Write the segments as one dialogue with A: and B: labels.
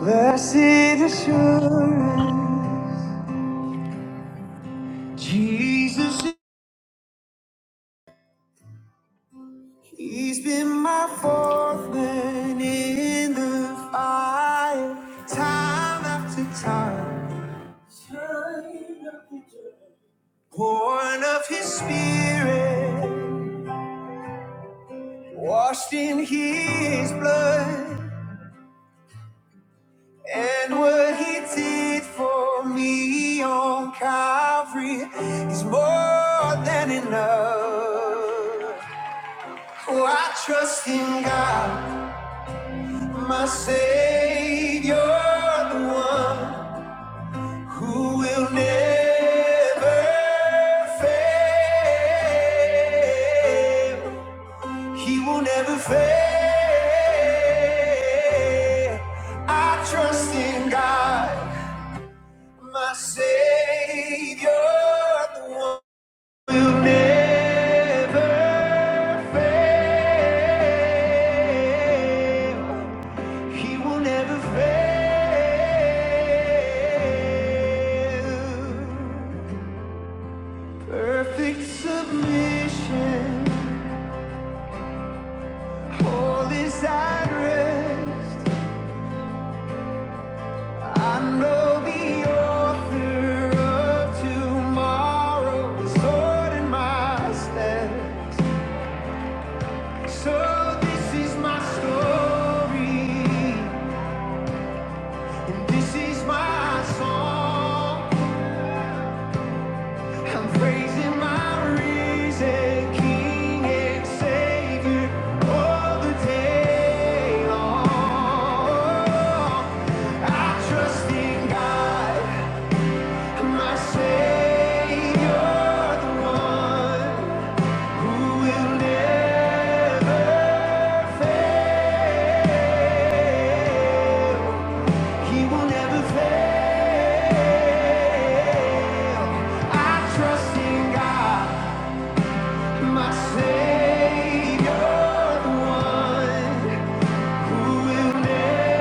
A: Blessed assurance, Jesus, He's been my fourth man in the fire, time after time. Born of His Spirit, washed in His blood, and what He did for me on Calvary is more than enough. Oh, I trust in God. My Savior, the one who will never fail. He will never fail. I trust in God, my Savior, the one who will never fail. He will never fail. Perfect submission, all is at rest. I know the author of tomorrow is ordering my steps. So this is my story, and this is my song. I'm praising my risen King and Savior all the day long. I trust in God, my Savior, the one who will never fail. He will never fail. I trust in God. My Savior, the one who will never,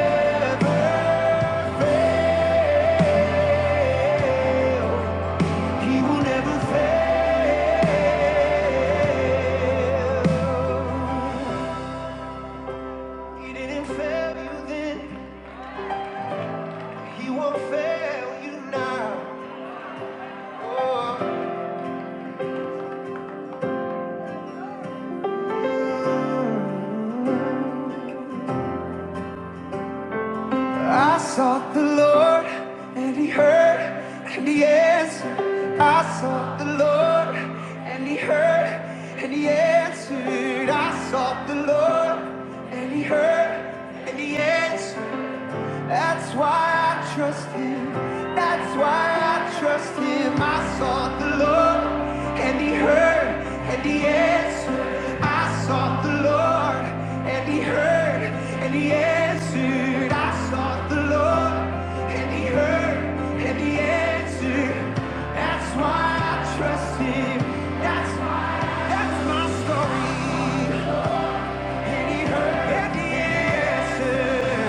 A: he will never fail. He didn't fail you then, he won't fail you now. Oh. I sought the Lord and he heard and he answered. I sought the Lord and he heard and he answered. I sought the Lord and he heard and he answered. That's why I trust him. That's why I trust him. I sought the Lord and he heard and he answered. I sought the Lord and he heard and he answered. I sought the Lord and he heard and he answered. That's why I trust him. That's why that's my story. And he heard and he answered.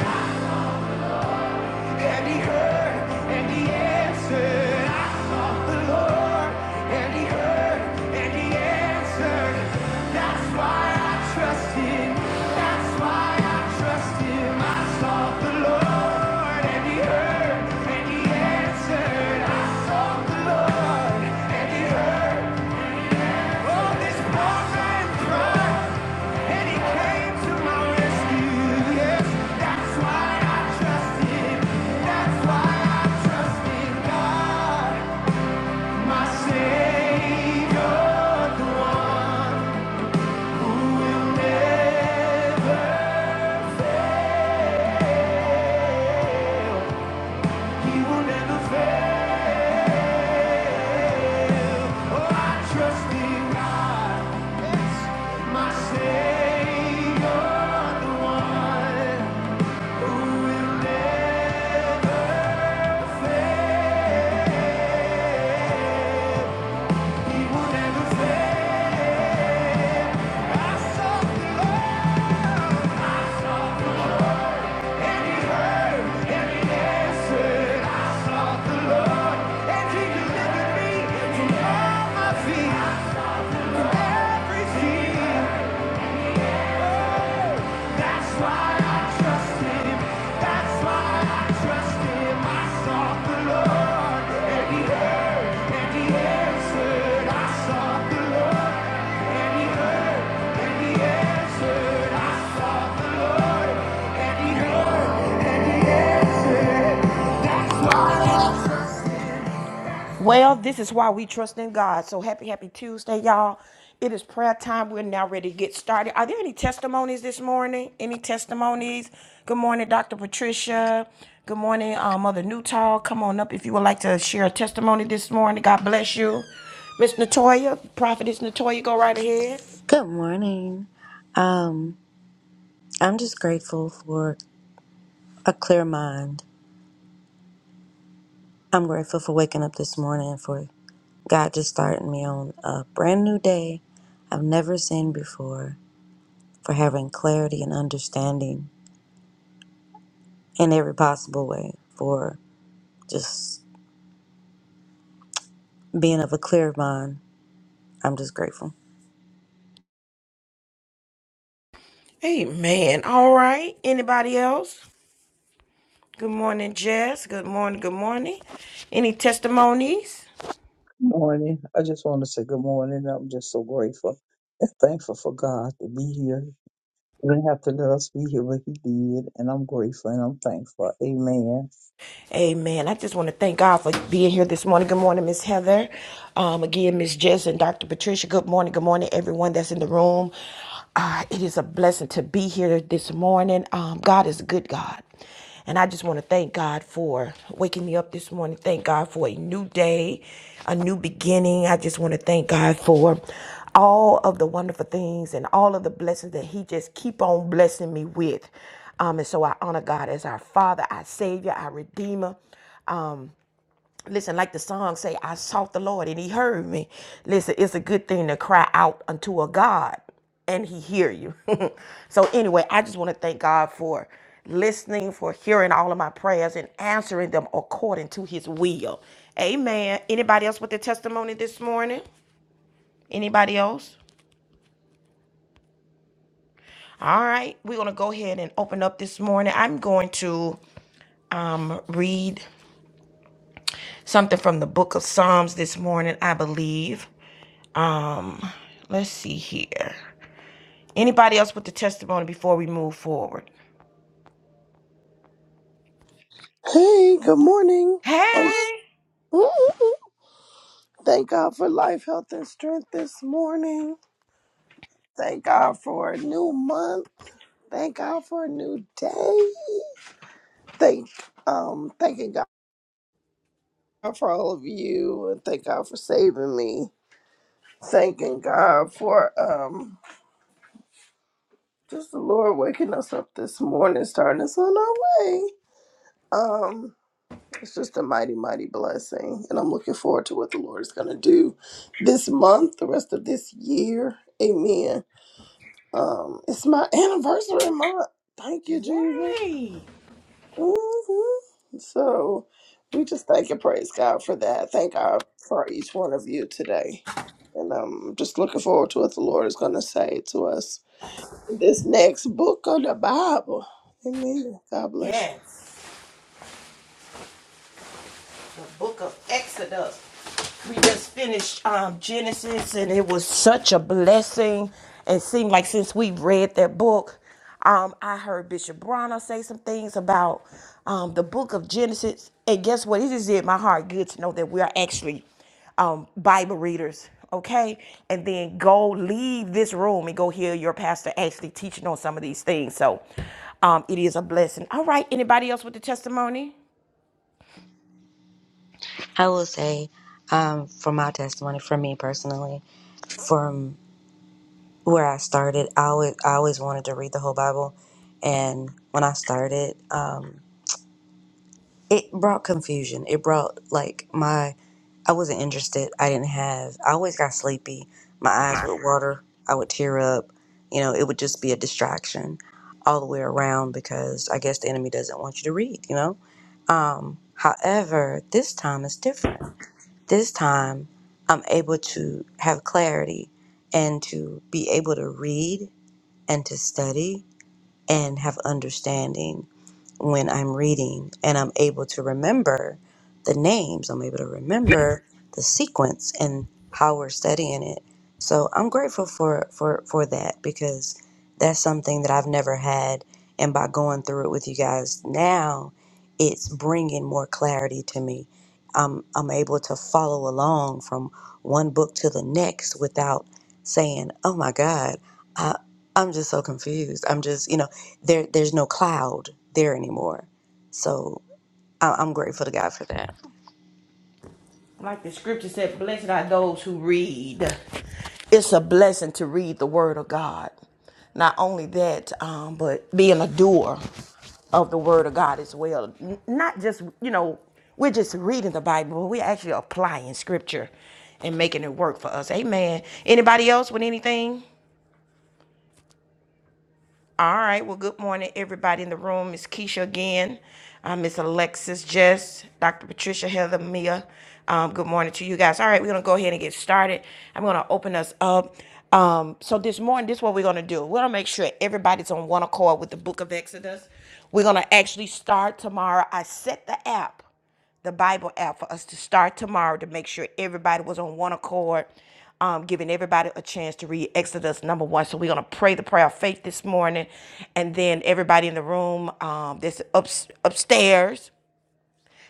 A: And he heard and he answered. I sought the Lord and he heard and he answered. That's why I trust him. That's why I trust him. I sought the Lord and he heard and he answered. I sought the Lord and he heard. He will never fail. Every fear. That's why I trust him. That's why I trust him. I sought the Lord, and he heard, and he answered. I sought the Lord, and he heard, and he answered. Well, this is why we trust in God. So happy, happy Tuesday, y'all. It is prayer time. We're now ready to get started. Are there any testimonies this morning? Any testimonies? Good morning, Dr. Patricia. Good morning, uh, Mother Newtall. Come on up if you would like to share a testimony this morning. God bless you. Miss Natoya, Prophetess Natoya, go right ahead.
B: Good morning. Um, I'm just grateful for a clear mind. I'm grateful for waking up this morning for God just starting me on a brand new day I've never seen before, for having clarity and understanding in every possible way, for just being of a clear mind. I'm just grateful.
A: Amen. All right. Anybody else? Good morning, Jess. Good morning. Good morning. Any testimonies?
C: Morning. I just want to say good morning. I'm just so grateful and thankful for God to be here. He didn't have to let us be here, but He did. And I'm grateful and I'm thankful. Amen.
A: Amen. I just want to thank God for being here this morning. Good morning, Miss Heather. Um, again, Miss Jess and Dr. Patricia. Good morning. Good morning, everyone that's in the room. Uh, it is a blessing to be here this morning. Um, God is a good God. And I just want to thank God for waking me up this morning. Thank God for a new day, a new beginning. I just want to thank God for all of the wonderful things and all of the blessings that He just keep on blessing me with. Um, and so I honor God as our Father, our Savior, our Redeemer. Um, listen, like the song say, I sought the Lord and He heard me. Listen, it's a good thing to cry out unto a God and He hear you. so anyway, I just want to thank God for listening, for hearing all of my prayers and answering them according to His will. Amen. Anybody else with a testimony this morning? Anybody else? All right, we're gonna go ahead and open up this morning. I'm going to um read. something from the book of Psalms this morning, I believe. Um, let's see here. Anybody else with the testimony before we move forward?
D: Hey, good morning. And
A: Hey,
D: Thank God for life, health, and strength this morning. Thank God for a new month. Thank God for a new day. Thank um thanking God for all of you and thank God for saving me. Thanking God for um just the Lord waking us up this morning, starting us on our way. Um. It's just a mighty, mighty blessing. And I'm looking forward to what the Lord is going to do this month, the rest of this year. Amen. Um, it's my anniversary month. Thank you, Jesus. hmm So we just thank and praise God for that. Thank God for each one of you today. And I'm just looking forward to what the Lord is going to say to us in this next book of the Bible. Amen. God bless you.
A: Yes. the book of Exodus. We just finished um, Genesis, and it was such a blessing. It seemed like since we read that book, um, I heard Bishop Bronner say some things about um, the book of Genesis. And guess what? It just did my heart good to know that we are actually um, Bible readers, okay? And then go leave this room and go hear your pastor actually teaching on some of these things. So um, it is a blessing. All right, anybody else with the testimony?
B: I will say, um, for my testimony, for me personally, where I started, I always, I always wanted to read the whole Bible, and when I started, um, it brought confusion. It brought like my I wasn't interested. I didn't have. I always got sleepy. My eyes would water. I would tear up. You know, it would just be a distraction all the way around because I guess the enemy doesn't want you to read. You know. Um, however, this time is different. This time, I'm able to have clarity and to be able to read and to study and have understanding when I'm reading and I'm able to remember the names, I'm able to remember the sequence and how we're studying it. So I'm grateful for for for that because that's something that I've never had and by going through it with you guys now it's bringing more clarity to me. I'm I'm able to follow along from one book to the next without saying, "Oh my god, I'm just so confused. I'm just, you know, there there's no cloud there anymore. So I- I'm grateful to God for that.
A: Like the scripture said, blessed are those who read. It's a blessing to read the word of God. Not only that, um, but being a doer of the word of God as well. N- Not just, you know, we're just reading the Bible, but we're actually applying scripture and making it work for us. Amen. Anybody else with anything? All right. Well, good morning, everybody in the room. It's Keisha again. Uh, Miss Alexis, Jess, Dr. Patricia, Heather, Mia. Um, good morning to you guys. All right, we're gonna go ahead and get started. I'm gonna open us up. Um, so this morning, this is what we're gonna do. We're gonna make sure everybody's on one accord with the Book of Exodus. We're gonna actually start tomorrow. I set the app the Bible app for us to start tomorrow to make sure everybody was on one accord, um, giving everybody a chance to read Exodus number one. So we're gonna pray the prayer of faith this morning, and then everybody in the room um, that's up upstairs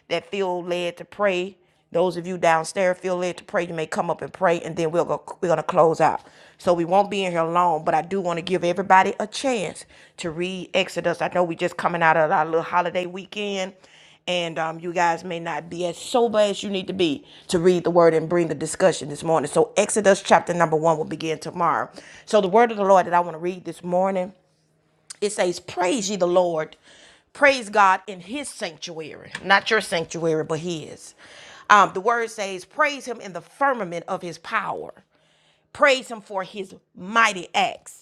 A: that feel led to pray, those of you downstairs feel led to pray, you may come up and pray, and then we'll go, we're gonna close out. So we won't be in here long, but I do want to give everybody a chance to read Exodus. I know we just coming out of our little holiday weekend, and um, you guys may not be as sober as you need to be to read the word and bring the discussion this morning. So Exodus chapter number one will begin tomorrow. So the word of the Lord that I want to read this morning it says, Praise ye the Lord. Praise God in his sanctuary, not your sanctuary, but his. Um, the word says, Praise him in the firmament of his power. Praise him for his mighty acts.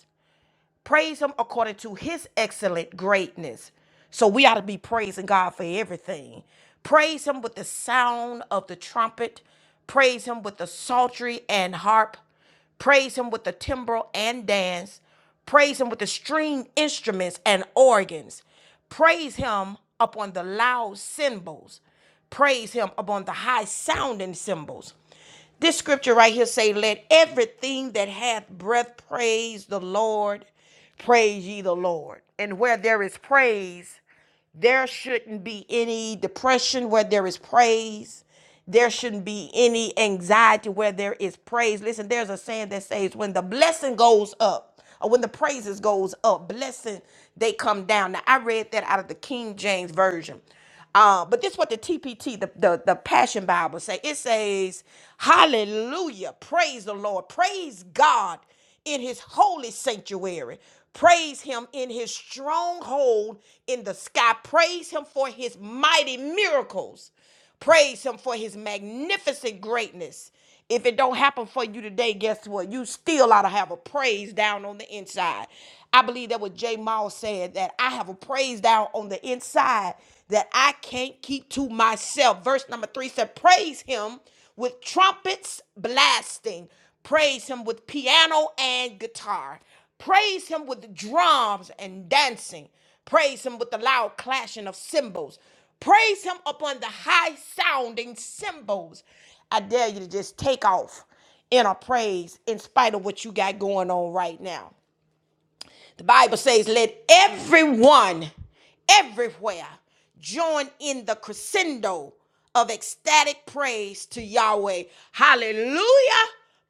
A: Praise him according to his excellent greatness. So we ought to be praising God for everything. Praise him with the sound of the trumpet. Praise him with the psaltery and harp. Praise him with the timbrel and dance. Praise him with the string instruments and organs. Praise him upon the loud cymbals praise him upon the high sounding cymbals. This scripture right here say, Let everything that hath breath praise the Lord, praise ye the Lord. And where there is praise, there shouldn't be any depression where there is praise. There shouldn't be any anxiety where there is praise. Listen, there's a saying that says, when the blessing goes up, or when the praises goes up, blessing they come down. Now I read that out of the King James version. Uh, but this is what the TPT, the, the, the Passion Bible say. It says, hallelujah, praise the Lord, praise God in his holy sanctuary. Praise him in his stronghold in the sky. Praise him for his mighty miracles. Praise him for his magnificent greatness. If it don't happen for you today, guess what? You still ought to have a praise down on the inside. I believe that what J. Miles said, that I have a praise down on the inside that I can't keep to myself. Verse number three said, Praise him with trumpets blasting, praise him with piano and guitar, praise him with drums and dancing. Praise him with the loud clashing of cymbals. Praise him upon the high sounding cymbals. I dare you to just take off in a praise in spite of what you got going on right now. The Bible says, let everyone everywhere join in the crescendo of ecstatic praise to Yahweh. Hallelujah.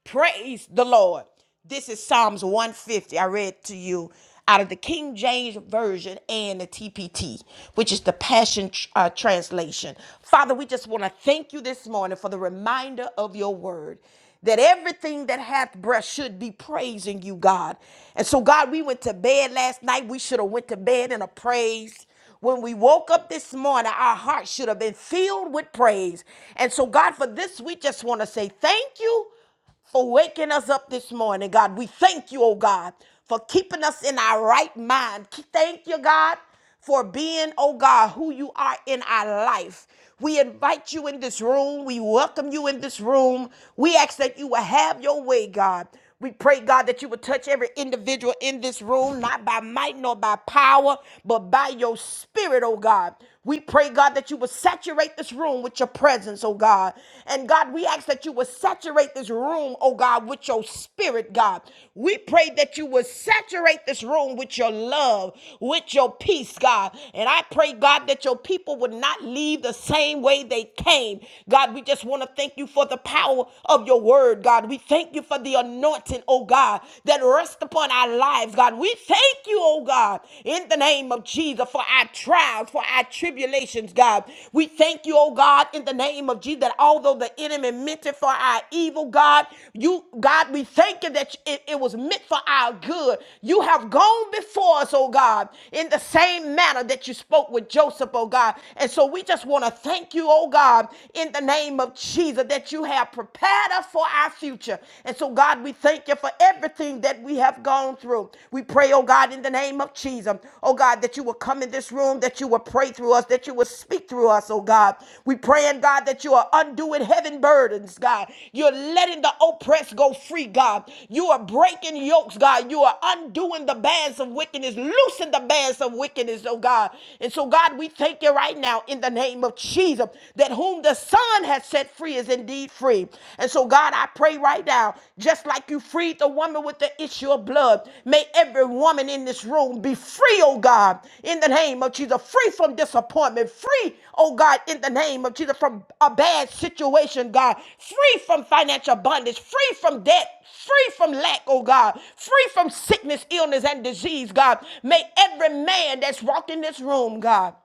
A: Praise the Lord. This is Psalms 150. I read to you out of the King James Version and the TPT, which is the Passion uh, Translation. Father, we just want to thank you this morning for the reminder of your word that everything that hath breath should be praising you, God. And so, God, we went to bed last night. We should have went to bed in a praise. When we woke up this morning, our hearts should have been filled with praise. And so, God, for this, we just want to say thank you for waking us up this morning, God. We thank you, oh God, for keeping us in our right mind. Thank you, God, for being, oh God, who you are in our life. We invite you in this room. We welcome you in this room. We ask that you will have your way, God. We pray, God, that you would touch every individual in this room, not by might nor by power, but by your spirit, oh God. We pray, God, that you would saturate this room with your presence, oh God. And God, we ask that you would saturate this room, oh God, with your spirit, God. We pray that you would saturate this room with your love, with your peace, God. And I pray, God, that your people would not leave the same way they came. God, we just want to thank you for the power of your your word, God. We thank you for the anointing, oh God, that rests upon our lives, God. We thank you, oh God, in the name of Jesus for our trials, for our tribulations, God. We thank you, oh God, in the name of Jesus, that although the enemy meant it for our evil, God, you, God, we thank you that it, it was meant for our good. You have gone before us, oh God, in the same manner that you spoke with Joseph, oh God. And so we just want to thank you, oh God, in the name of of Jesus that you have prepared us for our future. And so, God, we thank you for everything that we have gone through. We pray, oh God, in the name of Jesus, oh God, that you will come in this room, that you will pray through us, that you will speak through us, oh God. We pray, and God, that you are undoing heaven burdens, God. You're letting the oppressed go free, God. You are breaking yokes, God. You are undoing the bands of wickedness, loosing the bands of wickedness, oh God. And so, God, we thank you right now in the name of Jesus. Jesus, that whom the Son has set free is indeed free. And so, God, I pray right now, just like you freed the woman with the issue of blood, may every woman in this room be free, oh God, in the name of Jesus, free from disappointment, free, oh God, in the name of Jesus, from a bad situation, God, free from financial bondage, free from debt, free from lack, oh God, free from sickness, illness, and disease, God. May every man that's walked in this room, God.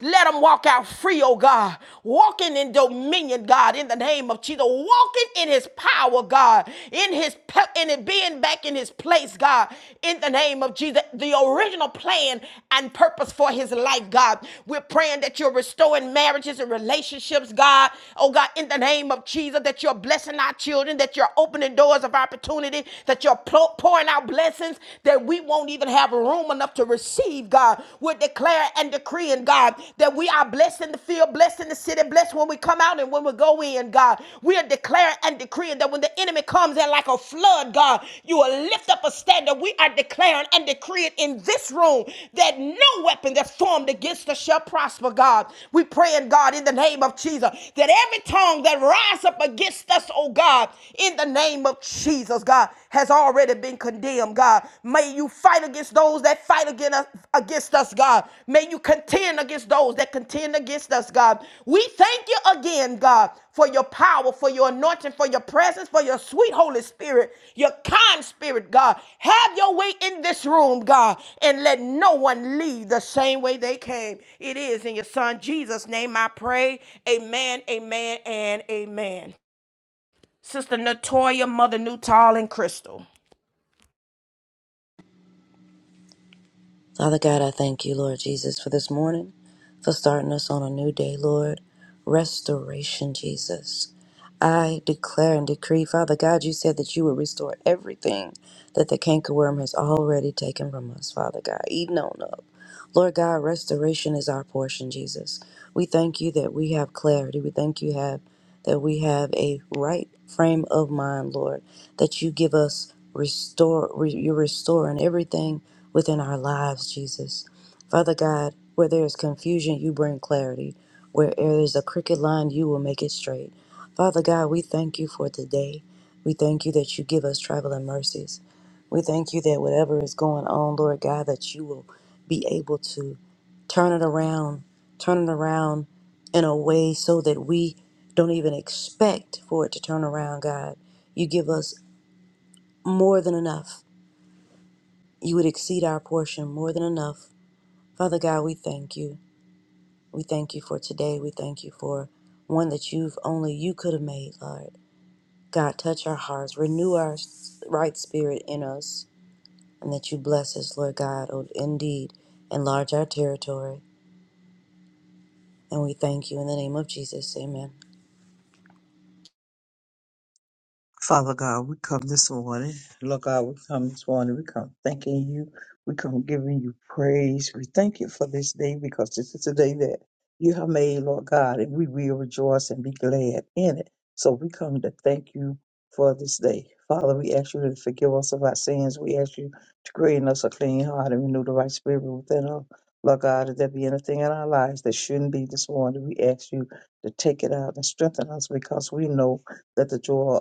A: Let them walk out free, oh God. Walking in dominion, God, in the name of Jesus. Walking in his power, God. In his pe- in it being back in his place, God. In the name of Jesus. The original plan and purpose for his life, God. We're praying that you're restoring marriages and relationships, God. Oh God, in the name of Jesus, that you're blessing our children, that you're opening doors of opportunity, that you're pl- pouring out blessings that we won't even have room room enough to receive, God. We're declaring and decreeing, God, that we are blessed in the field, blessed in the city, blessed when we come out and when we go in, God. We are declaring and decreeing that when the enemy comes in like a flood, God, you will lift up a standard. We are declaring and decreeing in this room that no weapon that's formed against us shall prosper, God. We pray in God in the name of Jesus that every tongue that rise up against us, oh God, in the name of Jesus, God has already been condemned, God. May you fight against those that fight against us, against us, God. May you contend against those that contend against us, God. We thank you again, God, for your power, for your anointing, for your presence, for your sweet Holy Spirit, your kind spirit, God. Have your way in this room, God, and let no one leave the same way they came. It is in your son Jesus' name I pray. Amen, amen, and amen. Sister Natoya, Mother Newtall, and Crystal.
B: Father God, I thank you, Lord Jesus, for this morning, for starting us on a new day, Lord. Restoration, Jesus. I declare and decree, Father God, you said that you would restore everything that the cankerworm has already taken from us, Father God, eaten on up. Lord God, restoration is our portion, Jesus. We thank you that we have clarity. We thank you have that we have a right frame of mind, Lord, that you give us restore re- you're restoring everything within our lives, Jesus. Father God, where there is confusion, you bring clarity. Where there is a crooked line, you will make it straight. Father God, we thank you for today. We thank you that you give us traveling mercies. We thank you that whatever is going on, Lord God, that you will be able to turn it around, turn it around in a way so that we don't even expect for it to turn around, God. You give us more than enough. You would exceed our portion more than enough. Father God, we thank you. We thank you for today. We thank you for one that you've only you could have made, Lord. God, touch our hearts, renew our s- right spirit in us, and that you bless us, Lord God. Oh, indeed, enlarge our territory. And we thank you in the name of Jesus. Amen.
C: Father God, we come this morning. Lord God, we come this morning. We come thanking you. We come giving you praise. We thank you for this day because this is a day that you have made, Lord God, and we will rejoice and be glad in it. So we come to thank you for this day. Father, we ask you to forgive us of our sins. We ask you to create in us a clean heart and renew the right spirit within us. Lord God, if there be anything in our lives that shouldn't be this morning, we ask you to take it out and strengthen us because we know that the joy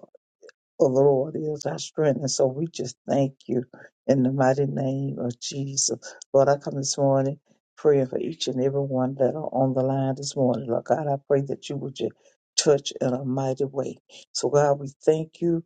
C: the Lord is our strength. And so we just thank you in the mighty name of Jesus. Lord, I come this morning praying for each and every one that are on the line this morning. Lord God, I pray that you would just touch in a mighty way. So God, we thank you.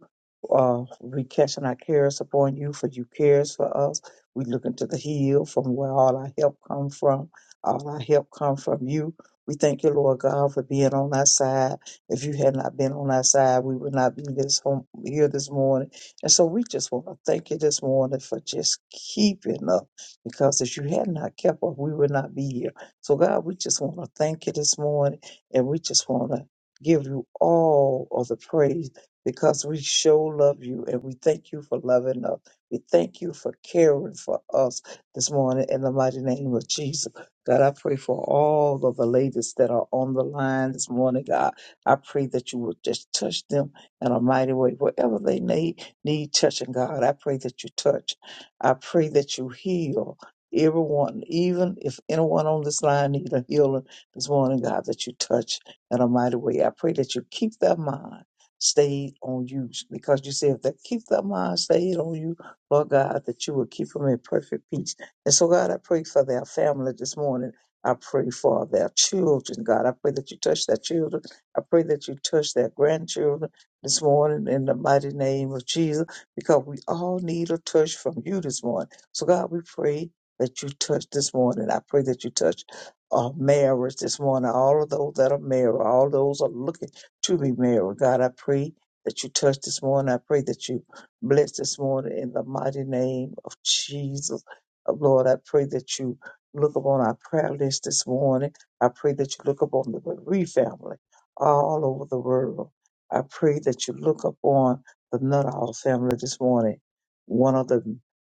C: Uh, we casting our cares upon you, for you cares for us. We looking to the hill from where all our help come from. All our help come from you. We thank you, Lord God, for being on our side. If you had not been on our side, we would not be this home here this morning. And so we just want to thank you this morning for just keeping up, because if you had not kept up, we would not be here. So God, we just want to thank you this morning, and we just want to give you all of the praise because we show love you, and we thank you for loving us. We thank you for caring for us this morning in the mighty name of Jesus. God, I pray for all of the ladies that are on the line this morning, God. I pray that you will just touch them in a mighty way. Whatever they need, need touching, God, I pray that you touch. I pray that you heal everyone, even if anyone on this line need a healing this morning, God, that you touch in a mighty way. I pray that you keep their mind stayed on you because you said if they keep their mind stayed on you, Lord God, that you will keep them in perfect peace. And so, God, I pray for their family this morning. I pray for their children, God. I pray that you touch their children I pray that you touch their grandchildren this morning in the mighty name of Jesus, because we all need a touch from you this morning. So, God, we pray that you touch this morning. I pray that you touch uh, marriage this morning, all of those that are married, all those are looking to be married. God, I pray that you touch this morning. I pray that you bless this morning in the mighty name of Jesus. Uh, Lord, I pray that you look upon our prayer list this morning. I pray that you look upon the bereaved family all over the world. I pray that you look upon the Nuttall family this morning, one of the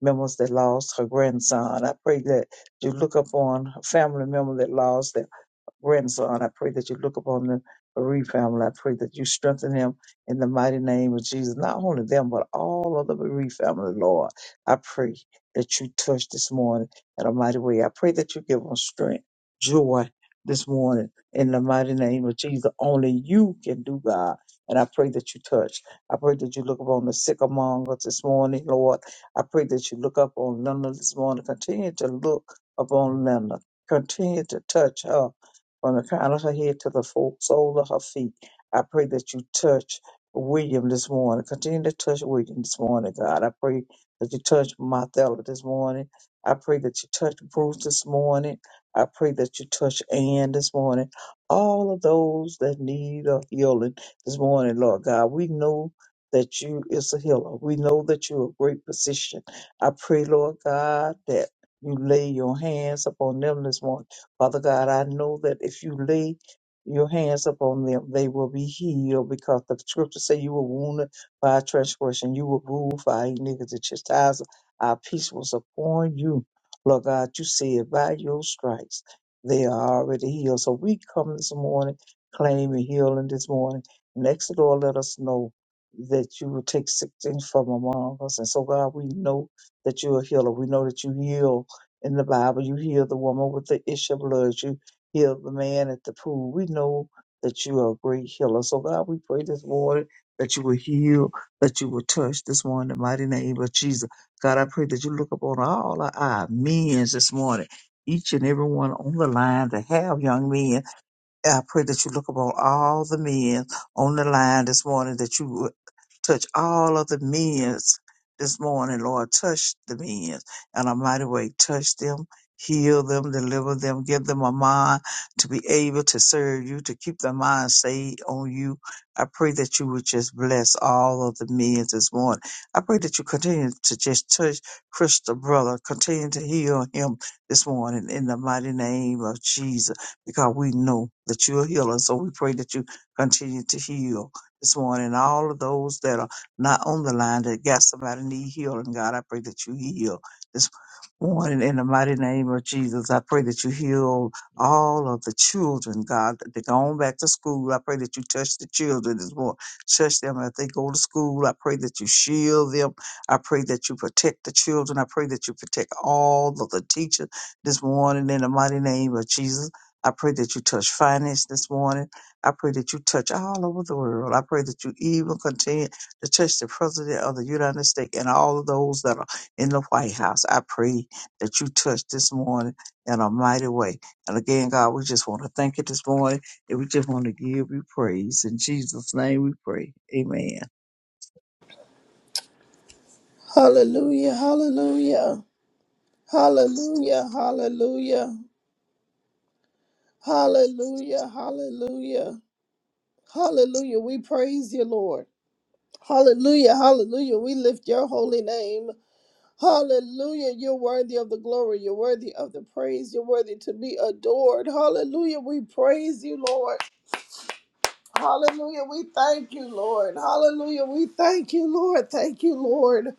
C: members that lost her grandson. I pray that you look upon a family member that lost their grandson. I pray that you look upon the bereaved family. I pray that you strengthen him in the mighty name of Jesus. Not only them, but all of the bereaved family, Lord. I pray that you touch this morning in a mighty way. I pray that you give them strength, joy this morning in the mighty name of Jesus. Only you can do, God. And I pray that you touch. I pray that you look upon the sick among us this morning, Lord. I pray that you look up on Linda this morning. Continue to look upon Linda. Continue to touch her from the crown of her head to the full sole of her feet. I pray that you touch William this morning. Continue to touch William this morning, God. I pray that you touch Martha this morning. I pray that you touch Bruce this morning. I pray that you touch Ann this morning. All of those that need a healing this morning, Lord God. We know that you is a healer. We know that you're a great physician. I pray, Lord God, that you lay your hands upon them this morning Father God, I know that if you lay your hands upon them, they will be healed because the scripture say you were wounded by our transgression, you were ruled for our iniquity. The chastisement, of our peace was upon you. Lord God, you said by your stripes they are already healed. So we come this morning claiming healing this morning. Next door, let us know that you will take sick things from among us. And so God, we know that you're a healer. We know that you heal in the Bible. You healed the woman with the issue of blood. You healed the man at the pool. We know that you are a great healer. So God, we pray this morning that you will heal, that you will touch this morning in the mighty name of Jesus. God, I pray that you look upon all our, our men this morning. Each and every one on the line that have young men, I pray that you look upon all the men on the line this morning, that you Touch all of the men's this morning, Lord. Touch the men's in a mighty way. Touch them, heal them, deliver them, give them a mind to be able to serve you, to keep their mind stayed on you. I pray that you would just bless all of the men this morning. I pray that you continue to just touch Crystal, brother. Continue to heal him this morning in the mighty name of Jesus, because we know that you're a healer. So we pray that you continue to heal this morning. All of those that are not on the line that got somebody need healing, God, I pray that you heal this morning in the mighty name of Jesus. I pray that you heal all of the children, God, that they're going back to school. I pray that you touch the children this morning. Touch them as they go to school. I pray that you shield them. I pray that you protect the children. I pray that you protect all of the teachers this morning in the mighty name of Jesus. I pray that you touch finance this morning. I pray that you touch all over the world. I pray that you even continue to touch the President of the United States and all of those that are in the White House. I pray that you touch this morning in a mighty way. And again, God, we just want to thank you this morning and we just want to give you praise. In Jesus' name we pray. Amen.
D: Hallelujah. Hallelujah. Hallelujah, hallelujah, hallelujah, hallelujah, hallelujah. We praise you, Lord. Hallelujah, hallelujah. We lift your holy name. Hallelujah. You're worthy of the glory. You're worthy of the praise. You're worthy to be adored. Hallelujah. We praise you, Lord. Hallelujah. We thank you, Lord. Hallelujah. We thank you, Lord. Thank you, Lord.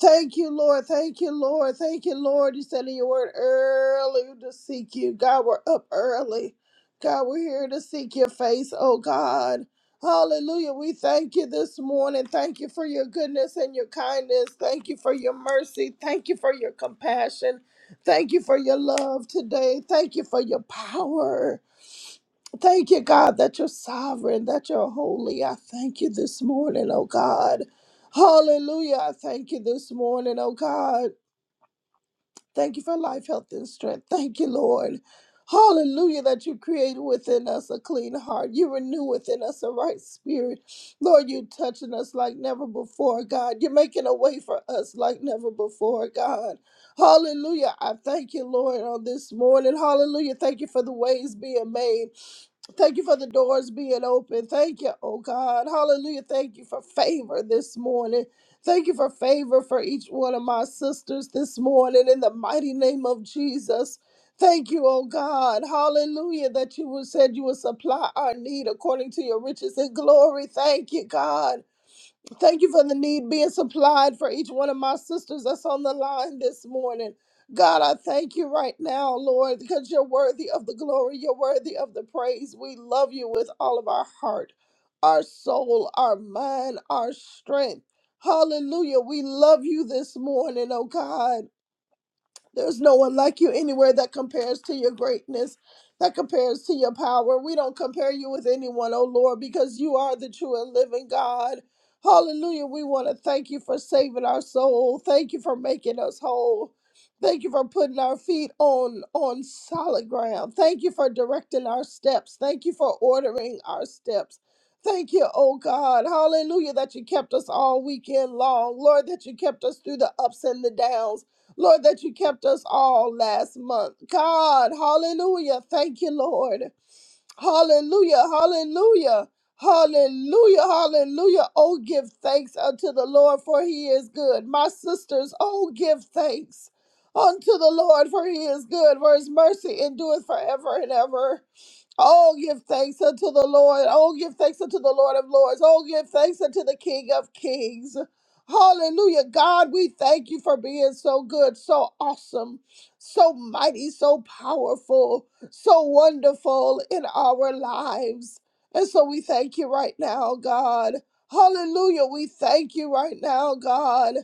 D: Thank you, Lord. Thank you, Lord. Thank you, Lord. You said in your word early to seek you. God, we're up early. God, we're here to seek your face, oh God. Hallelujah. We thank you this morning. Thank you for your goodness and your kindness. Thank you for your mercy. Thank you for your compassion. Thank you for your love today. Thank you for your power. Thank you, God, that you're sovereign, that you're holy. I thank you this morning, oh God. Hallelujah. I thank you this morning, oh God. Thank you for life, health, and strength. Thank you, Lord. Hallelujah, that you created within us a clean heart. You renew within us a right spirit. Lord, you're touching us like never before, God. You're making a way for us like never before, God. Hallelujah. I thank you, Lord, on this morning. Hallelujah. Thank you for the ways being made. Thank you for the doors being open. Thank you, oh God. Hallelujah. Thank you for favor this morning. Thank you for favor for each one of my sisters this morning in the mighty name of Jesus. Thank you, oh God. Hallelujah. That you would- said you would supply our need according to your riches and glory. Thank you, God. Thank you for the need being supplied for each one of my sisters that's on the line this morning. God, I thank you right now, Lord, because you're worthy of the glory. You're worthy of the praise. We love you with all of our heart, our soul, our mind, our strength. Hallelujah. We love you this morning, oh God. There's no one like you anywhere that compares to your greatness, that compares to your power. We don't compare you with anyone, oh Lord, because you are the true and living God. Hallelujah. We want to thank you for saving our soul. Thank you for making us whole. Thank you for putting our feet on on solid ground. Thank you for directing our steps. Thank you for ordering our steps. Thank you, oh God. Hallelujah that you kept us all weekend long. Lord, that you kept us through the ups and the downs. Lord, that you kept us all last month. God, hallelujah. Thank you, Lord. Hallelujah, hallelujah, hallelujah, hallelujah. Oh, give thanks unto the Lord, for he is good. My sisters, oh, give thanks unto the Lord, for he is good, for his mercy endureth forever and ever. Oh, give thanks unto the Lord. Oh, give thanks unto the Lord of Lords. Oh, give thanks unto the King of Kings. Hallelujah. God, we thank you for being so good, so awesome, so mighty, so powerful, so wonderful in our lives. And so we thank you right now, God. Hallelujah. We thank you right now, God.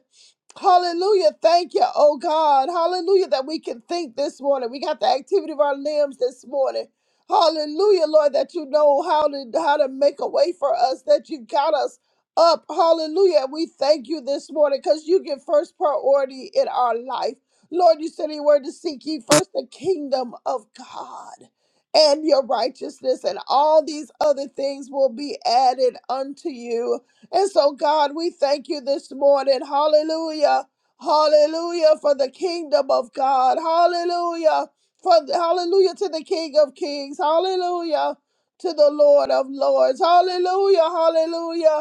D: Hallelujah. Thank you, oh God. Hallelujah, that we can think this morning. We got the activity of our limbs this morning. Hallelujah, Lord, that you know how to how to make a way for us, that you got us up. Hallelujah. We thank you this morning because you give first priority in our life. Lord, you said you word to seek ye first the kingdom of God and your righteousness, and all these other things will be added unto you. And so, God, we thank you this morning. Hallelujah. Hallelujah for the kingdom of God. Hallelujah. For hallelujah to the King of Kings. Hallelujah to the Lord of Lords. Hallelujah. Hallelujah.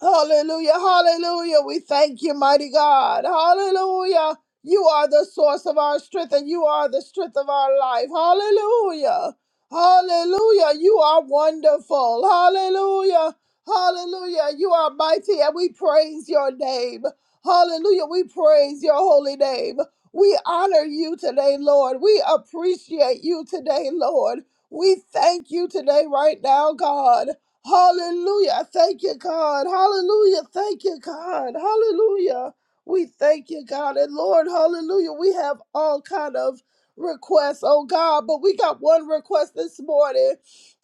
D: Hallelujah, hallelujah. We thank you, mighty God. Hallelujah. You are the source of our strength and you are the strength of our life. Hallelujah. Hallelujah. You are wonderful. Hallelujah. Hallelujah. You are mighty and we praise your name. Hallelujah. We praise your holy name. We honor you today, Lord. We appreciate you today, Lord. We thank you today, right now, God. Hallelujah. I Thank you, God. Hallelujah. Thank you, God. Hallelujah. We thank you, God. And Lord, hallelujah. We have all kind of requests, oh God, but we got one request this morning.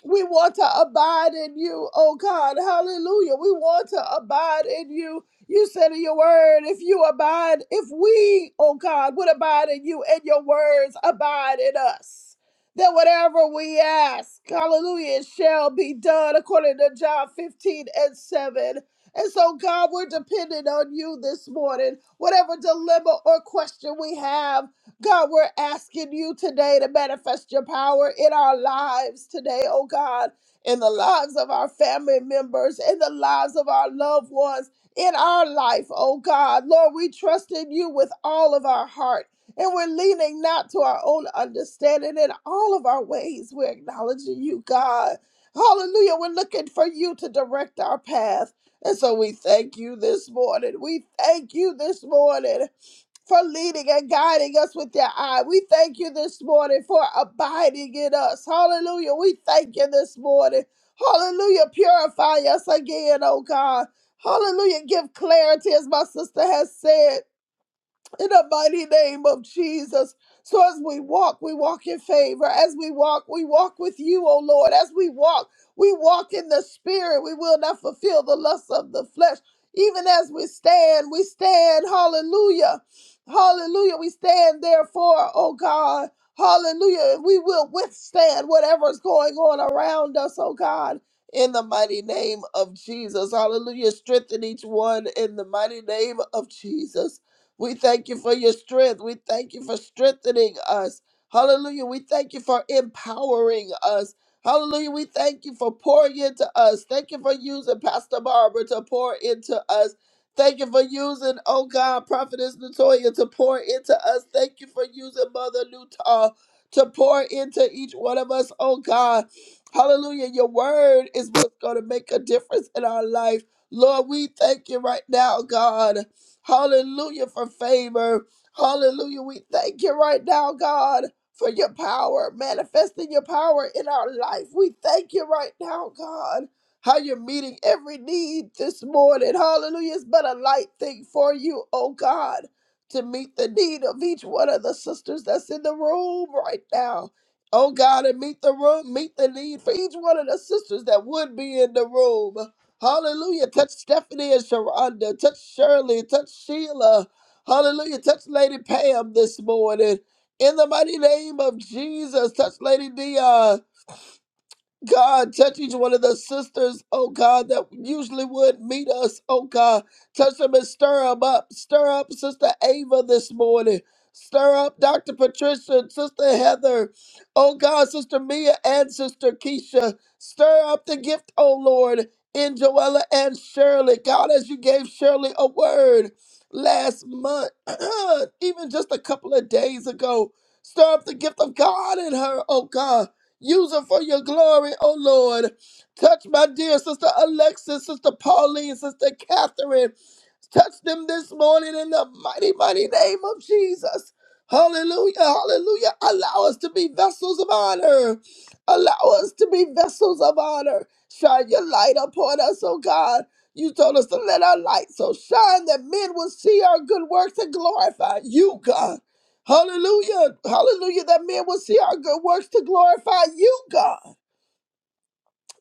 D: We want to abide in you, oh God. Hallelujah. We want to abide in you. You said in your word, if you abide, if we, oh God, would abide in you and your words abide in us that whatever we ask, hallelujah, it shall be done according to John 15 and 7. And so, God, we're dependent on you this morning. Whatever dilemma or question we have, God, we're asking you today to manifest your power in our lives today, oh God, in the lives of our family members, in the lives of our loved ones, in our life, oh God. Lord, we trust in you with all of our heart. And we're leaning not to our own understanding in all of our ways. We're acknowledging you, God. Hallelujah. We're looking for you to direct our path. And so we thank you this morning. We thank you this morning for leading and guiding us with your eye. We thank you this morning for abiding in us. Hallelujah. We thank you this morning. Hallelujah. Purify us again, oh God. Hallelujah. Give clarity, as my sister has said in the mighty name of Jesus. So as we walk, we walk in favor. As we walk, we walk with you, O Lord. As we walk, we walk in the spirit. We will not fulfill the lust of the flesh. Even as we stand, we stand, hallelujah. Hallelujah. We stand therefore, oh God. Hallelujah. We will withstand whatever is going on around us, oh God. In the mighty name of Jesus. Hallelujah. Strengthen each one in the mighty name of Jesus. We thank you for your strength. We thank you for strengthening us. Hallelujah. We thank you for empowering us. Hallelujah. We thank you for pouring into us. Thank you for using Pastor Barbara to pour into us. Thank you for using, oh God, Prophetess Natoya to pour into us. Thank you for using Mother Newtall to pour into each one of us, oh God. Hallelujah. Your word is what's going to make a difference in our life. Lord, we thank you right now, God. Hallelujah for favor. Hallelujah. We thank you right now, God, for your power, manifesting your power in our life. We thank you right now, God, how you're meeting every need this morning. Hallelujah. It's been a light thing for you, oh God, to meet the need of each one of the sisters that's in the room right now. Oh God, and meet the room, meet the need for each one of the sisters that would be in the room. Hallelujah. Touch Stephanie and Sharonda. Touch Shirley. Touch Sheila. Hallelujah. Touch Lady Pam this morning. In the mighty name of Jesus, touch Lady Dion. God, touch each one of the sisters, oh God, that usually would meet us, oh God. Touch them and stir them up. Stir up Sister Ava this morning. Stir up Dr. Patricia, Sister Heather, oh God, Sister Mia and Sister Keisha. Stir up the gift, oh Lord, in Joella and Shirley. God, as you gave Shirley a word last month, even just a couple of days ago, stir up the gift of God in her, oh God. Use them for your glory, oh Lord. Touch my dear sister Alexis, sister Pauline, sister Catherine. Touch them this morning in the mighty, mighty name of Jesus. Hallelujah, hallelujah. Allow us to be vessels of honor. Allow us to be vessels of honor. Shine your light upon us, oh God. You told us to let our light so shine that men will see our good works and glorify you, God. Hallelujah. Hallelujah. That man will see our good works to glorify you, God.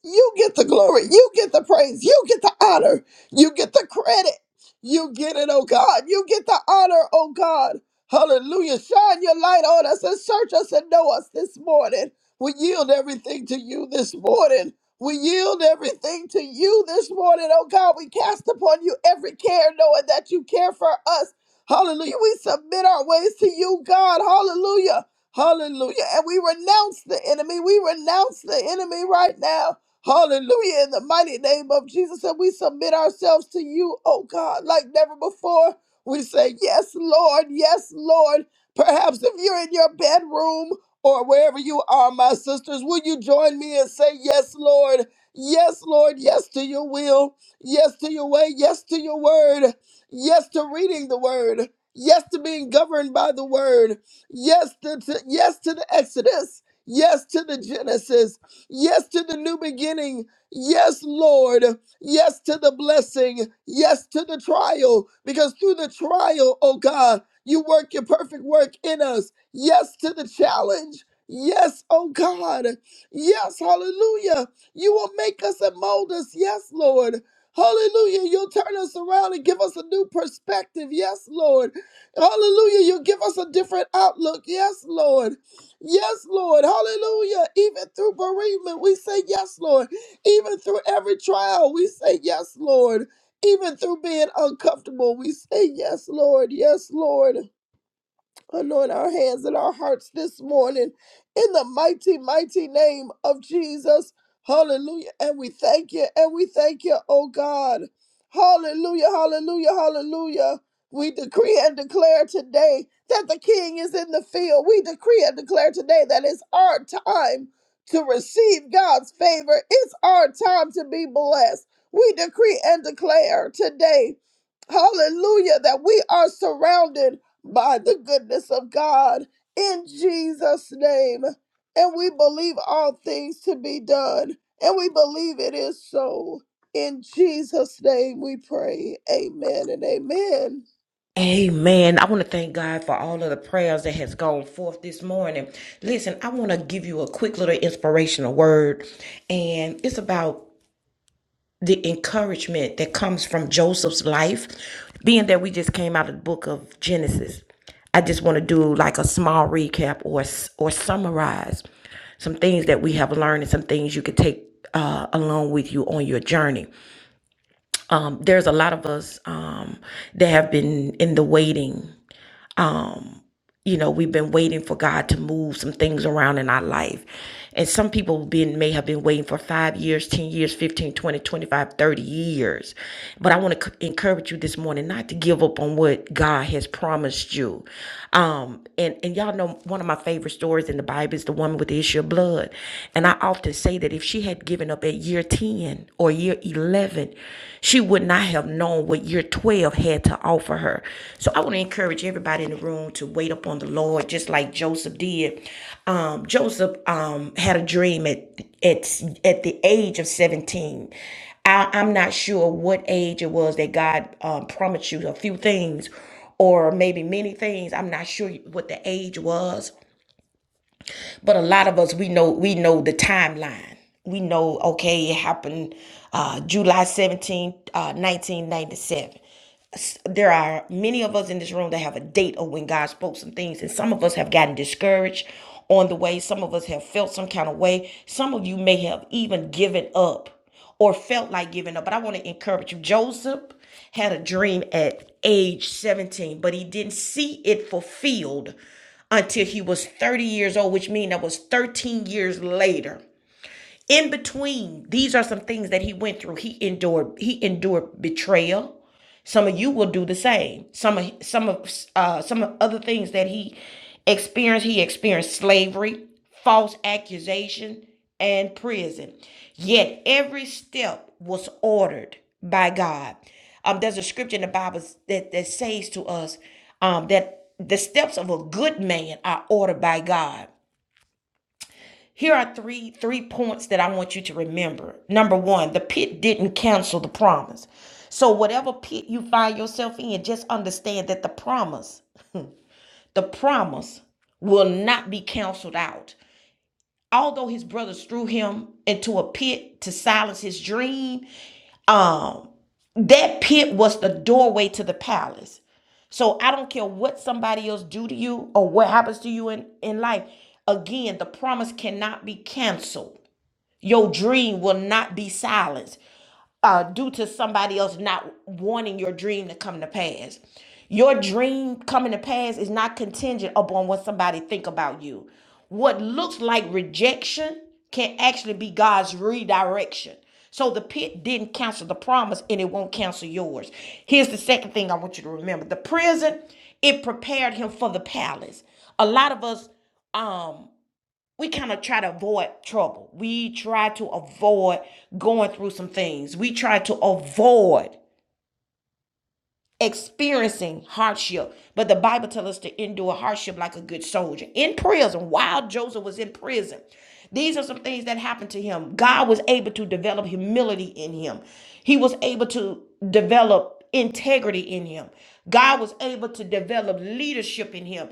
D: You get the glory. You get the praise. You get the honor. You get the credit. You get it, oh God. You get the honor, oh God. Hallelujah. Shine your light on us and search us and know us this morning. We yield everything to you this morning. We yield everything to you this morning, oh God. We cast upon you every care, knowing that you care for us. Hallelujah. We submit our ways to you, God. Hallelujah. Hallelujah. And we renounce the enemy. We renounce the enemy right now. Hallelujah. In the mighty name of Jesus. And we submit ourselves to you, oh God, like never before. We say, Yes, Lord. Yes, Lord. Perhaps if you're in your bedroom or wherever you are, my sisters, will you join me and say, Yes, Lord. Yes, Lord. Yes to your will. Yes to your way. Yes to your word. Yes to reading the word. Yes to being governed by the word. Yes to, to- yes to the Exodus. Yes to the Genesis. Yes to the new beginning. Yes, Lord. Yes to the blessing. Yes to the trial. Because through the trial, oh God, you work your perfect work in us. Yes to the challenge. Yes, oh God. Yes, hallelujah. You will make us and mold us. Yes, Lord. Hallelujah. You'll turn us around and give us a new perspective. Yes, Lord. Hallelujah. You'll give us a different outlook. Yes, Lord. Yes, Lord. Hallelujah. Even through bereavement, we say yes, Lord. Even through every trial, we say yes, Lord. Even through being uncomfortable, we say yes, Lord. Yes, Lord. Anoint our hands and our hearts this morning in the mighty, mighty name of Jesus. Hallelujah. And we thank you. And we thank you, oh God. Hallelujah. Hallelujah. Hallelujah. We decree and declare today that the King is in the field. We decree and declare today that it's our time to receive God's favor. It's our time to be blessed. We decree and declare today, hallelujah, that we are surrounded by the goodness of God in Jesus' name. And we believe all things to be done, and we believe it is so. In Jesus' name we pray. Amen and amen.
A: Amen. I want to thank God for all of the prayers that has gone forth this morning. Listen, I want to give you a quick little inspirational word, and it's about the encouragement that comes from Joseph's life, being that we just came out of the book of Genesis. I just want to do like a small recap or or summarize some things that we have learned and some things you could take uh, along with you on your journey. There's a lot of us um, that have been in the waiting. you know we've been waiting for god to move some things around in our life and some people been may have been waiting for five years ten years 15, 20, 25, 30 years but i want to c- encourage you this morning not to give up on what god has promised you um and and y'all know one of my favorite stories in the bible is the woman with the issue of blood and i often say that if she had given up at year 10 or year 11 11, she would not have known what year 12 had to offer her. So I want to encourage everybody in the room to wait upon the Lord, just like Joseph did. Um, Joseph um, had a dream at, at, at the age of 17. I, I'm not sure what age it was that God um, promised you a few things or maybe many things. I'm not sure what the age was, but a lot of us we know we know the timeline. We know okay, it happened uh, July seventeenth, uh, 1997 there are many of us in this room that have a date of when God spoke some things, and some of us have gotten discouraged on the way. Some of us have felt some kind of way. Some of you may have even given up or felt like giving up. But I want to encourage you. Joseph had a dream at age 17, but he didn't see it fulfilled until he was 30 years old, which means that was 13 years later. In between, these are some things that he went through. He endured, he endured betrayal. Some of you will do the same. Some of some of uh, some of other things that he experienced. He experienced slavery, false accusation, and prison. Yet every step was ordered by God. Um, there's a scripture in the Bible that, that says to us um, that the steps of a good man are ordered by God. Here are three three points that I want you to remember. Number 1, the pit didn't cancel the promise. So whatever pit you find yourself in, just understand that the promise, the promise will not be canceled out. Although his brothers threw him into a pit to silence his dream, um, that pit was the doorway to the palace. So I don't care what somebody else do to you or what happens to you in, in life. Again, the promise cannot be canceled. Your dream will not be silenced uh, due to somebody else not wanting your dream to come to pass. Your dream coming to pass is not contingent upon what somebody think about you. What looks like rejection can actually be God's redirection. So the pit didn't cancel the promise and it won't cancel yours. Here's the second thing I want you to remember. The prison, it prepared him for the palace. A lot of us um we kind of try to avoid trouble. We try to avoid going through some things. We try to avoid experiencing hardship. But the Bible tells us to endure hardship like a good soldier. In prison, while Joseph was in prison, these are some things that happened to him. God was able to develop humility in him, he was able to develop integrity in him. God was able to develop leadership in him.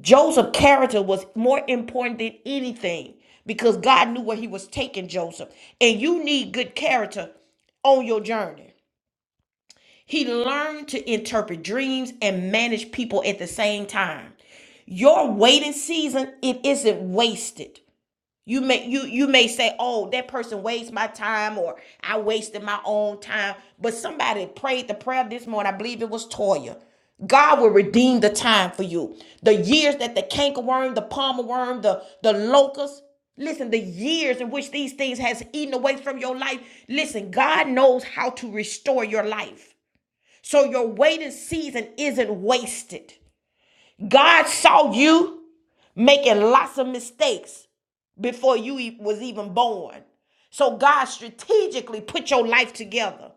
A: Joseph's character was more important than anything because God knew where he was taking Joseph. And you need good character on your journey. He learned to interpret dreams and manage people at the same time. Your waiting season, it isn't wasted. You may you you may say, "Oh, that person wastes my time," or "I wasted my own time." But somebody prayed the prayer this morning. I believe it was Toya. God will redeem the time for you. The years that the cankerworm, the palmer worm, the the locust, Listen, the years in which these things has eaten away from your life. Listen, God knows how to restore your life. So your waiting season isn't wasted. God saw you making lots of mistakes before you e- was even born. So God strategically put your life together.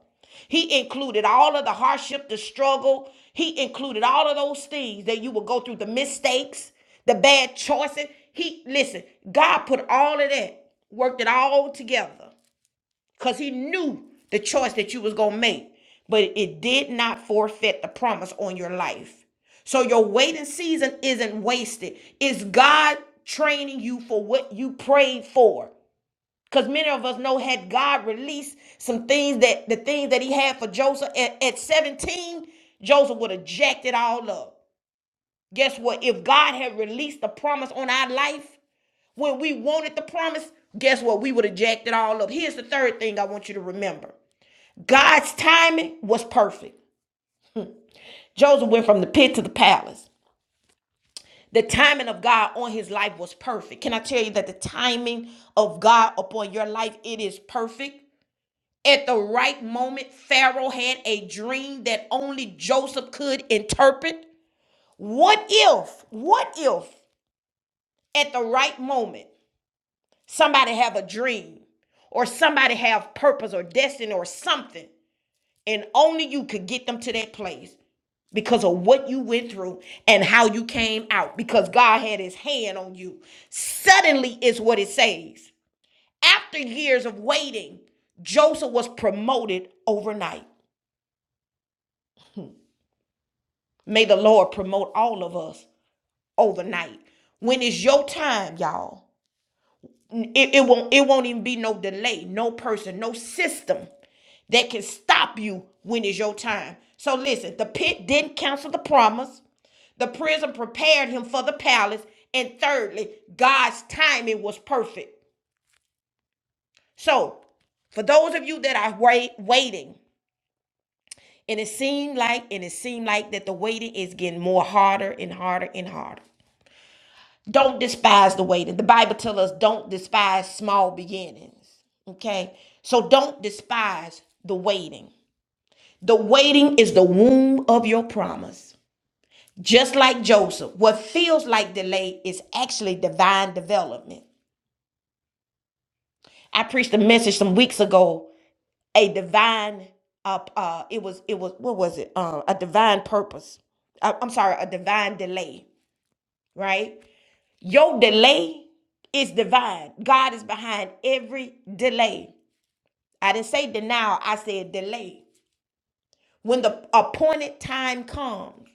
A: He included all of the hardship, the struggle. He included all of those things that you will go through, the mistakes, the bad choices. He listen, God put all of that, worked it all together because he knew the choice that you was going to make but it did not forfeit the promise on your life so your waiting season isn't wasted it's god training you for what you prayed for because many of us know had god released some things that the things that he had for joseph at, at 17 joseph would have jacked it all up guess what if god had released the promise on our life when we wanted the promise guess what we would have jacked it all up here's the third thing i want you to remember God's timing was perfect. Joseph went from the pit to the palace. The timing of God on his life was perfect. Can I tell you that the timing of God upon your life it is perfect? At the right moment, Pharaoh had a dream that only Joseph could interpret. What if? What if at the right moment somebody have a dream or somebody have purpose or destiny or something and only you could get them to that place? because of what you went through and how you came out because God had his hand on you. Suddenly is what it says. After years of waiting, Joseph was promoted overnight. May the Lord promote all of us overnight. When is your time, y'all? It, it won't it won't even be no delay, no person, no system that can stop you when it's your time. So listen, the pit didn't cancel the promise. The prison prepared him for the palace. And thirdly, God's timing was perfect. So, for those of you that are wait, waiting, and it seemed like and it seemed like that the waiting is getting more harder and harder and harder. Don't despise the waiting. The Bible tells us don't despise small beginnings. Okay? So don't despise the waiting. The waiting is the womb of your promise. Just like Joseph, what feels like delay is actually divine development. I preached a message some weeks ago, a divine uh, uh it was it was what was it? Uh, a divine purpose. I- I'm sorry, a divine delay, right? Your delay is divine. God is behind every delay. I didn't say denial, I said delay. When the appointed time comes,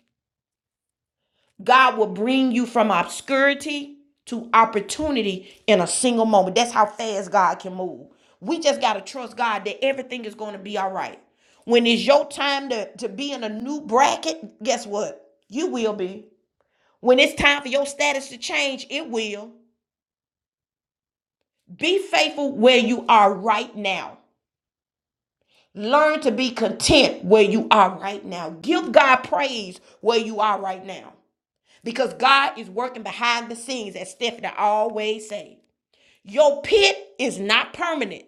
A: God will bring you from obscurity to opportunity in a single moment. That's how fast God can move. We just got to trust God that everything is going to be all right. When it's your time to, to be in a new bracket, guess what? You will be. When it's time for your status to change, it will. Be faithful where you are right now. Learn to be content where you are right now. Give God praise where you are right now. Because God is working behind the scenes, as Stephanie always says. Your pit is not permanent.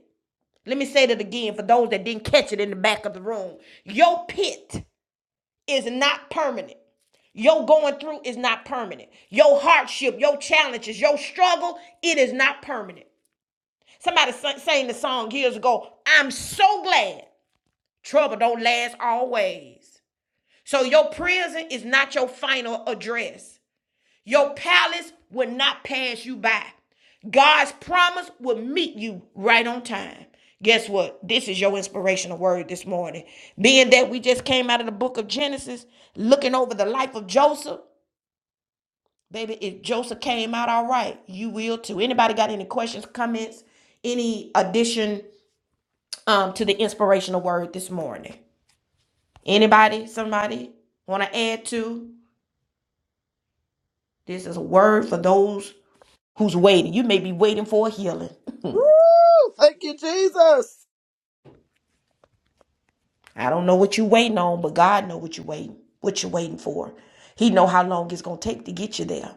A: Let me say that again for those that didn't catch it in the back of the room. Your pit is not permanent. Your going through is not permanent. Your hardship, your challenges, your struggle, it is not permanent. Somebody sa- sang the song years ago. I'm so glad trouble don't last always. So your prison is not your final address. Your palace will not pass you by. God's promise will meet you right on time. Guess what? This is your inspirational word this morning. Being that we just came out of the book of Genesis, looking over the life of Joseph. Baby, if Joseph came out all right, you will too. Anybody got any questions, comments, any addition um to the inspirational word this morning. Anybody, somebody want to add to? This is a word for those who's waiting. You may be waiting for a healing.
D: Woo! Thank you, Jesus.
A: I don't know what you're waiting on, but God know what you're waiting, what you're waiting for. He know how long it's gonna take to get you there.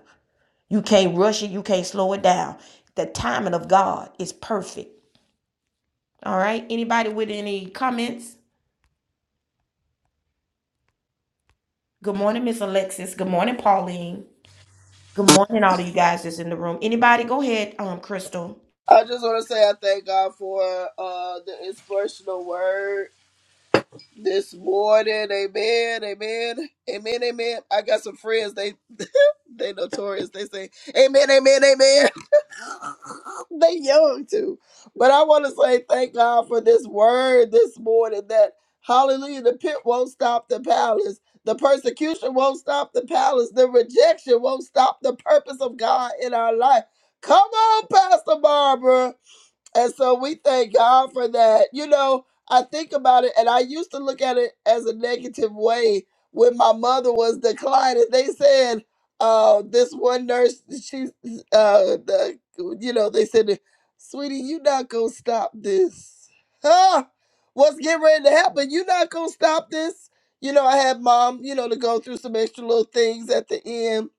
A: You can't rush it, you can't slow it down. The timing of God is perfect. All right. Anybody with any comments? Good morning, Miss Alexis. Good morning, Pauline. Good morning, all of you guys that's in the room. Anybody, go ahead, um, Crystal.
D: I just want to say I thank God for uh, the inspirational word this morning. Amen. Amen. Amen. Amen. I got some friends. They they notorious. They say, Amen, amen, amen. they young too. But I want to say thank God for this word this morning that hallelujah, the pit won't stop the palace. The persecution won't stop the palace. The rejection won't stop the purpose of God in our life. Come on, Pastor Barbara. And so we thank God for that. You know, I think about it and I used to look at it as a negative way when my mother was declining. They said, uh, this one nurse, she, uh, the, you know, they said, sweetie, you not going to stop this. Huh? What's getting ready to happen? You not going to stop this? You know, I had mom, you know, to go through some extra little things at the end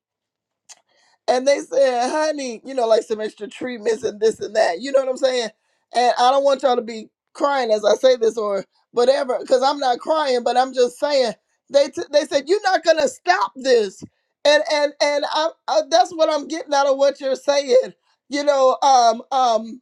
D: and they said, honey, you know, like some extra treatments and this and that. You know what I'm saying? And I don't want y'all to be crying as I say this or whatever, because I'm not crying, but I'm just saying they t- they said you're not gonna stop this, and and and I, I that's what I'm getting out of what you're saying. You know, um, um,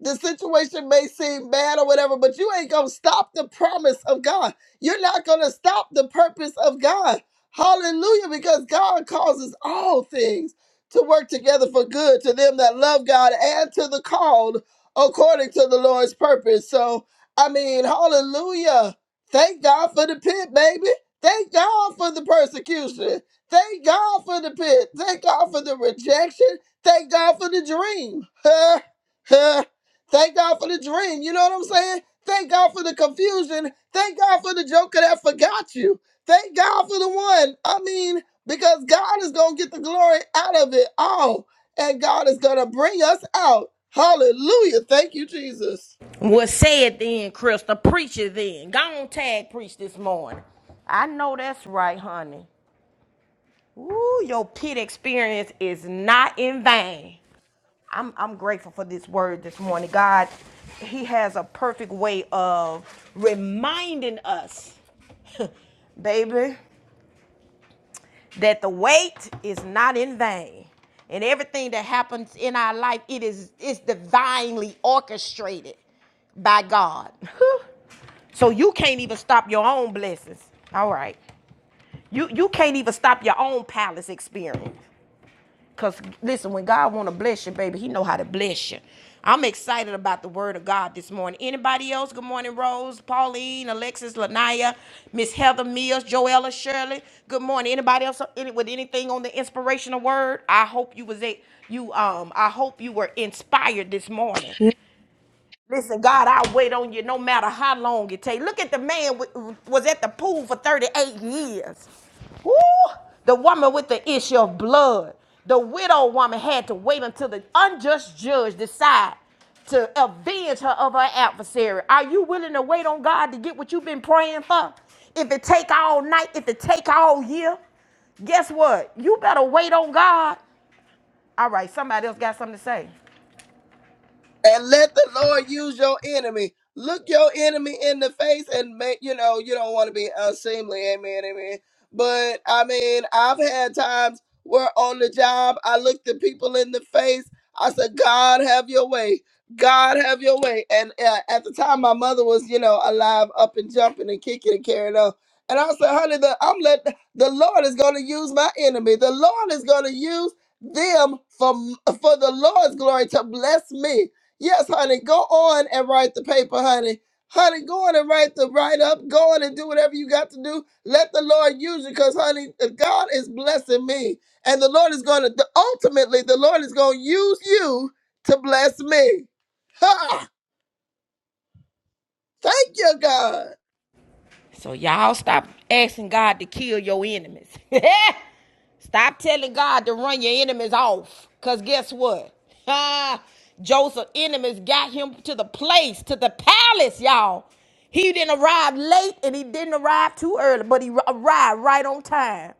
D: the situation may seem bad or whatever, but you ain't gonna stop the promise of God. You're not gonna stop the purpose of God. Hallelujah, because God causes all things to work together for good to them that love God and to the called according to the Lord's purpose. So, I mean, hallelujah. Thank God for the pit, baby. Thank God for the persecution. Thank God for the pit. Thank God for the rejection. Thank God for the dream. Huh? Huh? Thank God for the dream. You know what I'm saying? Thank God for the confusion. Thank God for the joker that forgot you. Thank God for the one. I mean, because God is going to get the glory out of it all. And God is going to bring us out. Hallelujah. Thank you, Jesus.
A: Was said then, Crystal. Preacher then. Go on tag preach this morning. I know that's right, honey. Ooh, your pit experience is not in vain. I'm, I'm grateful for this word this morning. God, He has a perfect way of reminding us, baby. that the wait is not in vain and everything that happens in our life it is it's divinely orchestrated by god so you can't even stop your own blessings all right you you can't even stop your own palace experience Cause listen, when God want to bless you, baby, He know how to bless you. I'm excited about the Word of God this morning. Anybody else? Good morning, Rose, Pauline, Alexis, Lanaya, Miss Heather Mills, Joella Shirley. Good morning. Anybody else any- with anything on the inspirational word? I hope you was a you um. I hope you were inspired this morning.
E: Yeah,
A: Listen, God, I'll wait on you no matter how long it takes. Look at the man w- was at the pool for 38 years. Woo! The woman with the issue of blood. The widow woman had to wait until the unjust judge decide to avenge her of her adversary. Are you willing to wait on God to get what you've been praying for? If it take all night, if it take all year, guess what? You better wait on God. All right, somebody else got something to say.
D: and let the Lord use your enemy. Look your enemy in the face and make you know you don't want to be unseemly, amen, amen. But I mean, I've had times where on the job I looked at people in the face. I said, "God, have your way. God, have your way." And uh, at the time, my mother was you know alive, up and jumping and kicking and carrying on. And I said, "Honey, the, I'm let the Lord is going to use my enemy. The Lord is going to use them for for the Lord's glory to bless me." Yes, honey, go on and write the paper, honey. Honey, go on and write the write up. Go on and do whatever you got to do. Let the Lord use you because, honey, uh, God is blessing me. And the Lord is going to, ultimately, the Lord is going to use you to bless me. Ha! Thank you, God.
A: So y'all stop asking God to kill your enemies. stop telling God to run your enemies off. Cause guess what? Joseph enemies got him to the place, to the palace, y'all. He didn't arrive late and he didn't arrive too early, but he arrived right on time.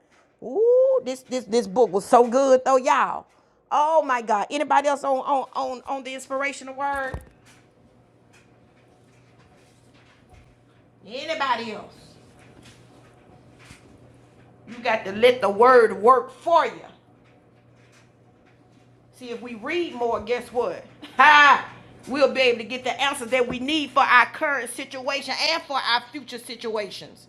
A: Ooh, this this this book was so good though, y'all. Oh my God! Anybody else on on on on the inspirational word? Anybody else? You got to let the word work for you. See, if we read more, guess what? Ha! We'll be able to get the answers that we need for our current situation and for our future situations.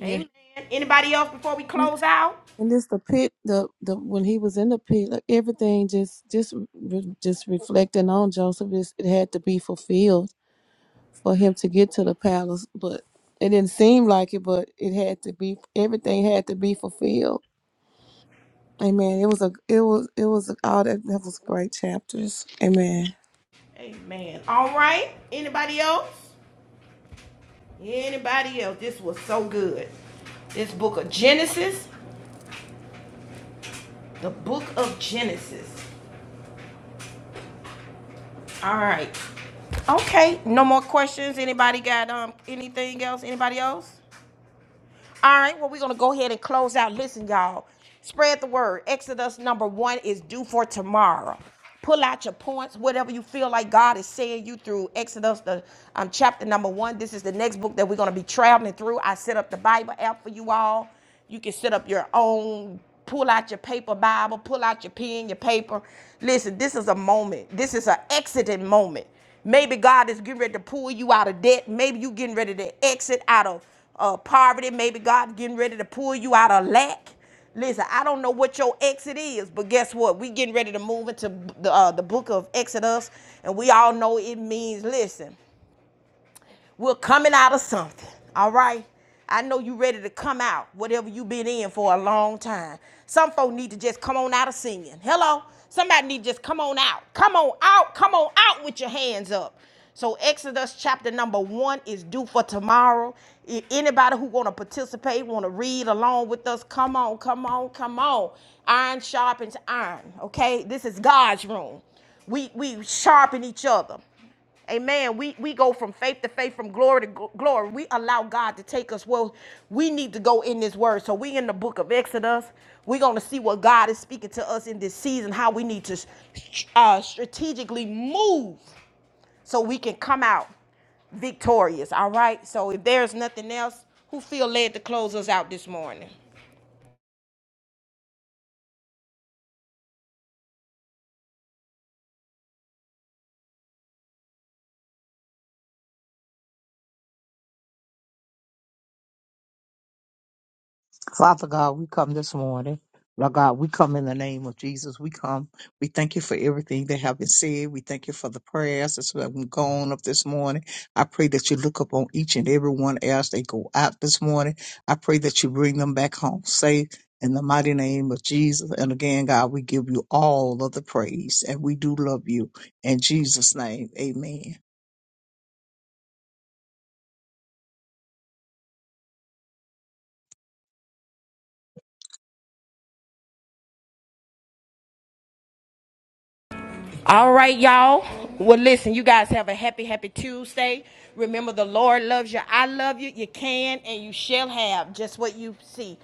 E: yeah.
A: Amen. Anybody else before we close out?
E: And this the pit, the the when he was in the pit, like everything just just re- just reflecting on Joseph, is it had to be fulfilled for him to get to the palace. But it didn't seem like it, but it had to be. Everything had to be fulfilled. Amen. It was a it was it was all that that was great chapters. Amen.
A: Amen. All right. Else? Anybody else? This was so good. This book of Genesis, the book of Genesis. Right. Oh, no, is anybody um, All right, well, we're going to go ahead and close out. Listen, y'all, spread the word. Exodus number one is due for tomorrow. Pull out your points, whatever you feel like God is saying you through Exodus, the um, chapter number one. This is the next book that we're going to be traveling through. I set up the Bible app for you all. You can set up your own, pull out your paper Bible, pull out your pen, your paper. Listen, this is a moment. This is an exiting moment. Maybe God is getting ready to pull you out of debt. Maybe you getting ready to exit out of uh, poverty. Maybe God getting ready to pull you out of lack. Listen, I don't know what your exit is, but guess what? We getting ready to move into the uh, the book of Exodus, and we all know it means listen. We're coming out of something, all right? I know you ready to come out, whatever you been in for a long time. Some folk need to just come on out of singing. Hello? Somebody need to just come on out. Come on out. Come on out with your hands up. So Exodus chapter number one is due for tomorrow. If anybody who want to participate, want to read along with us, come on, come on, come on. Iron sharpens iron. Okay, this is God's room. We we sharpen each other. Amen. We we go from faith to faith, from glory to gl- glory. We allow God to take us Well, we need to go in this word. So we in the book of Exodus. We're gonna see what God is speaking to us in this season. How we need to uh, strategically move so we can come out victorious. All right. So if there's nothing else, who feel led to close us out this morning?
C: Father God, we come this morning. Lord God, we come in the name of Jesus. We come. We thank you for everything that have been said. We thank you for the prayers that's been gone up this morning. I pray that you look upon each and every one else they go out this morning. I pray that you bring them back home safe in the mighty name of Jesus. And again, God, we give you all of the praise and we do love you. In Jesus' name, amen.
A: All right, y'all. Well, listen, you guys have a happy, happy Tuesday. Remember, the Lord loves you. I love you. You can and you shall have just what you see,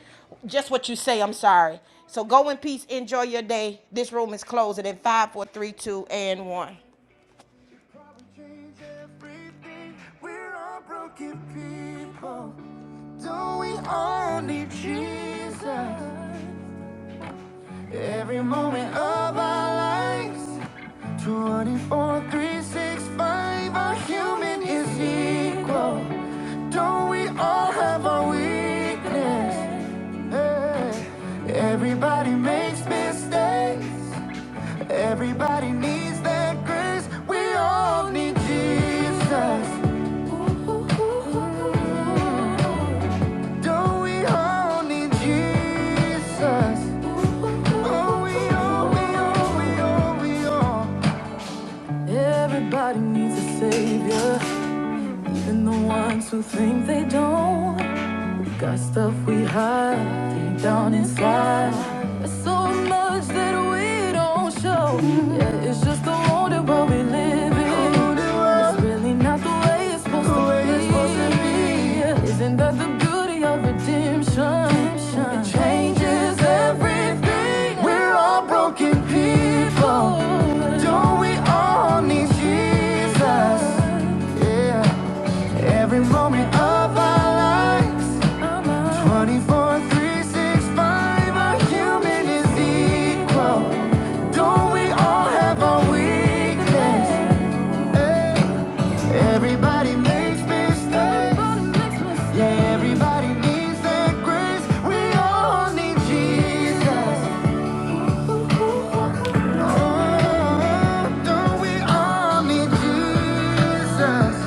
A: just what you say. I'm sorry. So go in peace. Enjoy your day. This room is closing in five, four, three, two, and one. Probably change everything. We're all broken people. Don't we all need Jesus? Every moment of our lives, 24, 3, 6, 5, our human is equal. Don't we all have our weakness? Hey. Everybody makes mistakes. Everybody needs that grace. We all need Jesus. Don't we all need Jesus? Oh, we are, we are, we are, we are. Everybody needs a savior, and the ones who think they don't got stuff we hide deep down inside. There's so much that we don't show. It's just the world that we're we live It's really not the way it's supposed the way it's supposed to be. Yeah. Isn't that the beauty of redemption? redemption? It changes everything. We're all broken people. Don't we all need Jesus? Yeah. Every moment of our lives, 24, 3, 6, 5, our human is equal. Don't we all have our weakness? Hey, everybody makes mistakes. Yeah, everybody needs that grace. We all need Jesus. Oh, don't we all need Jesus?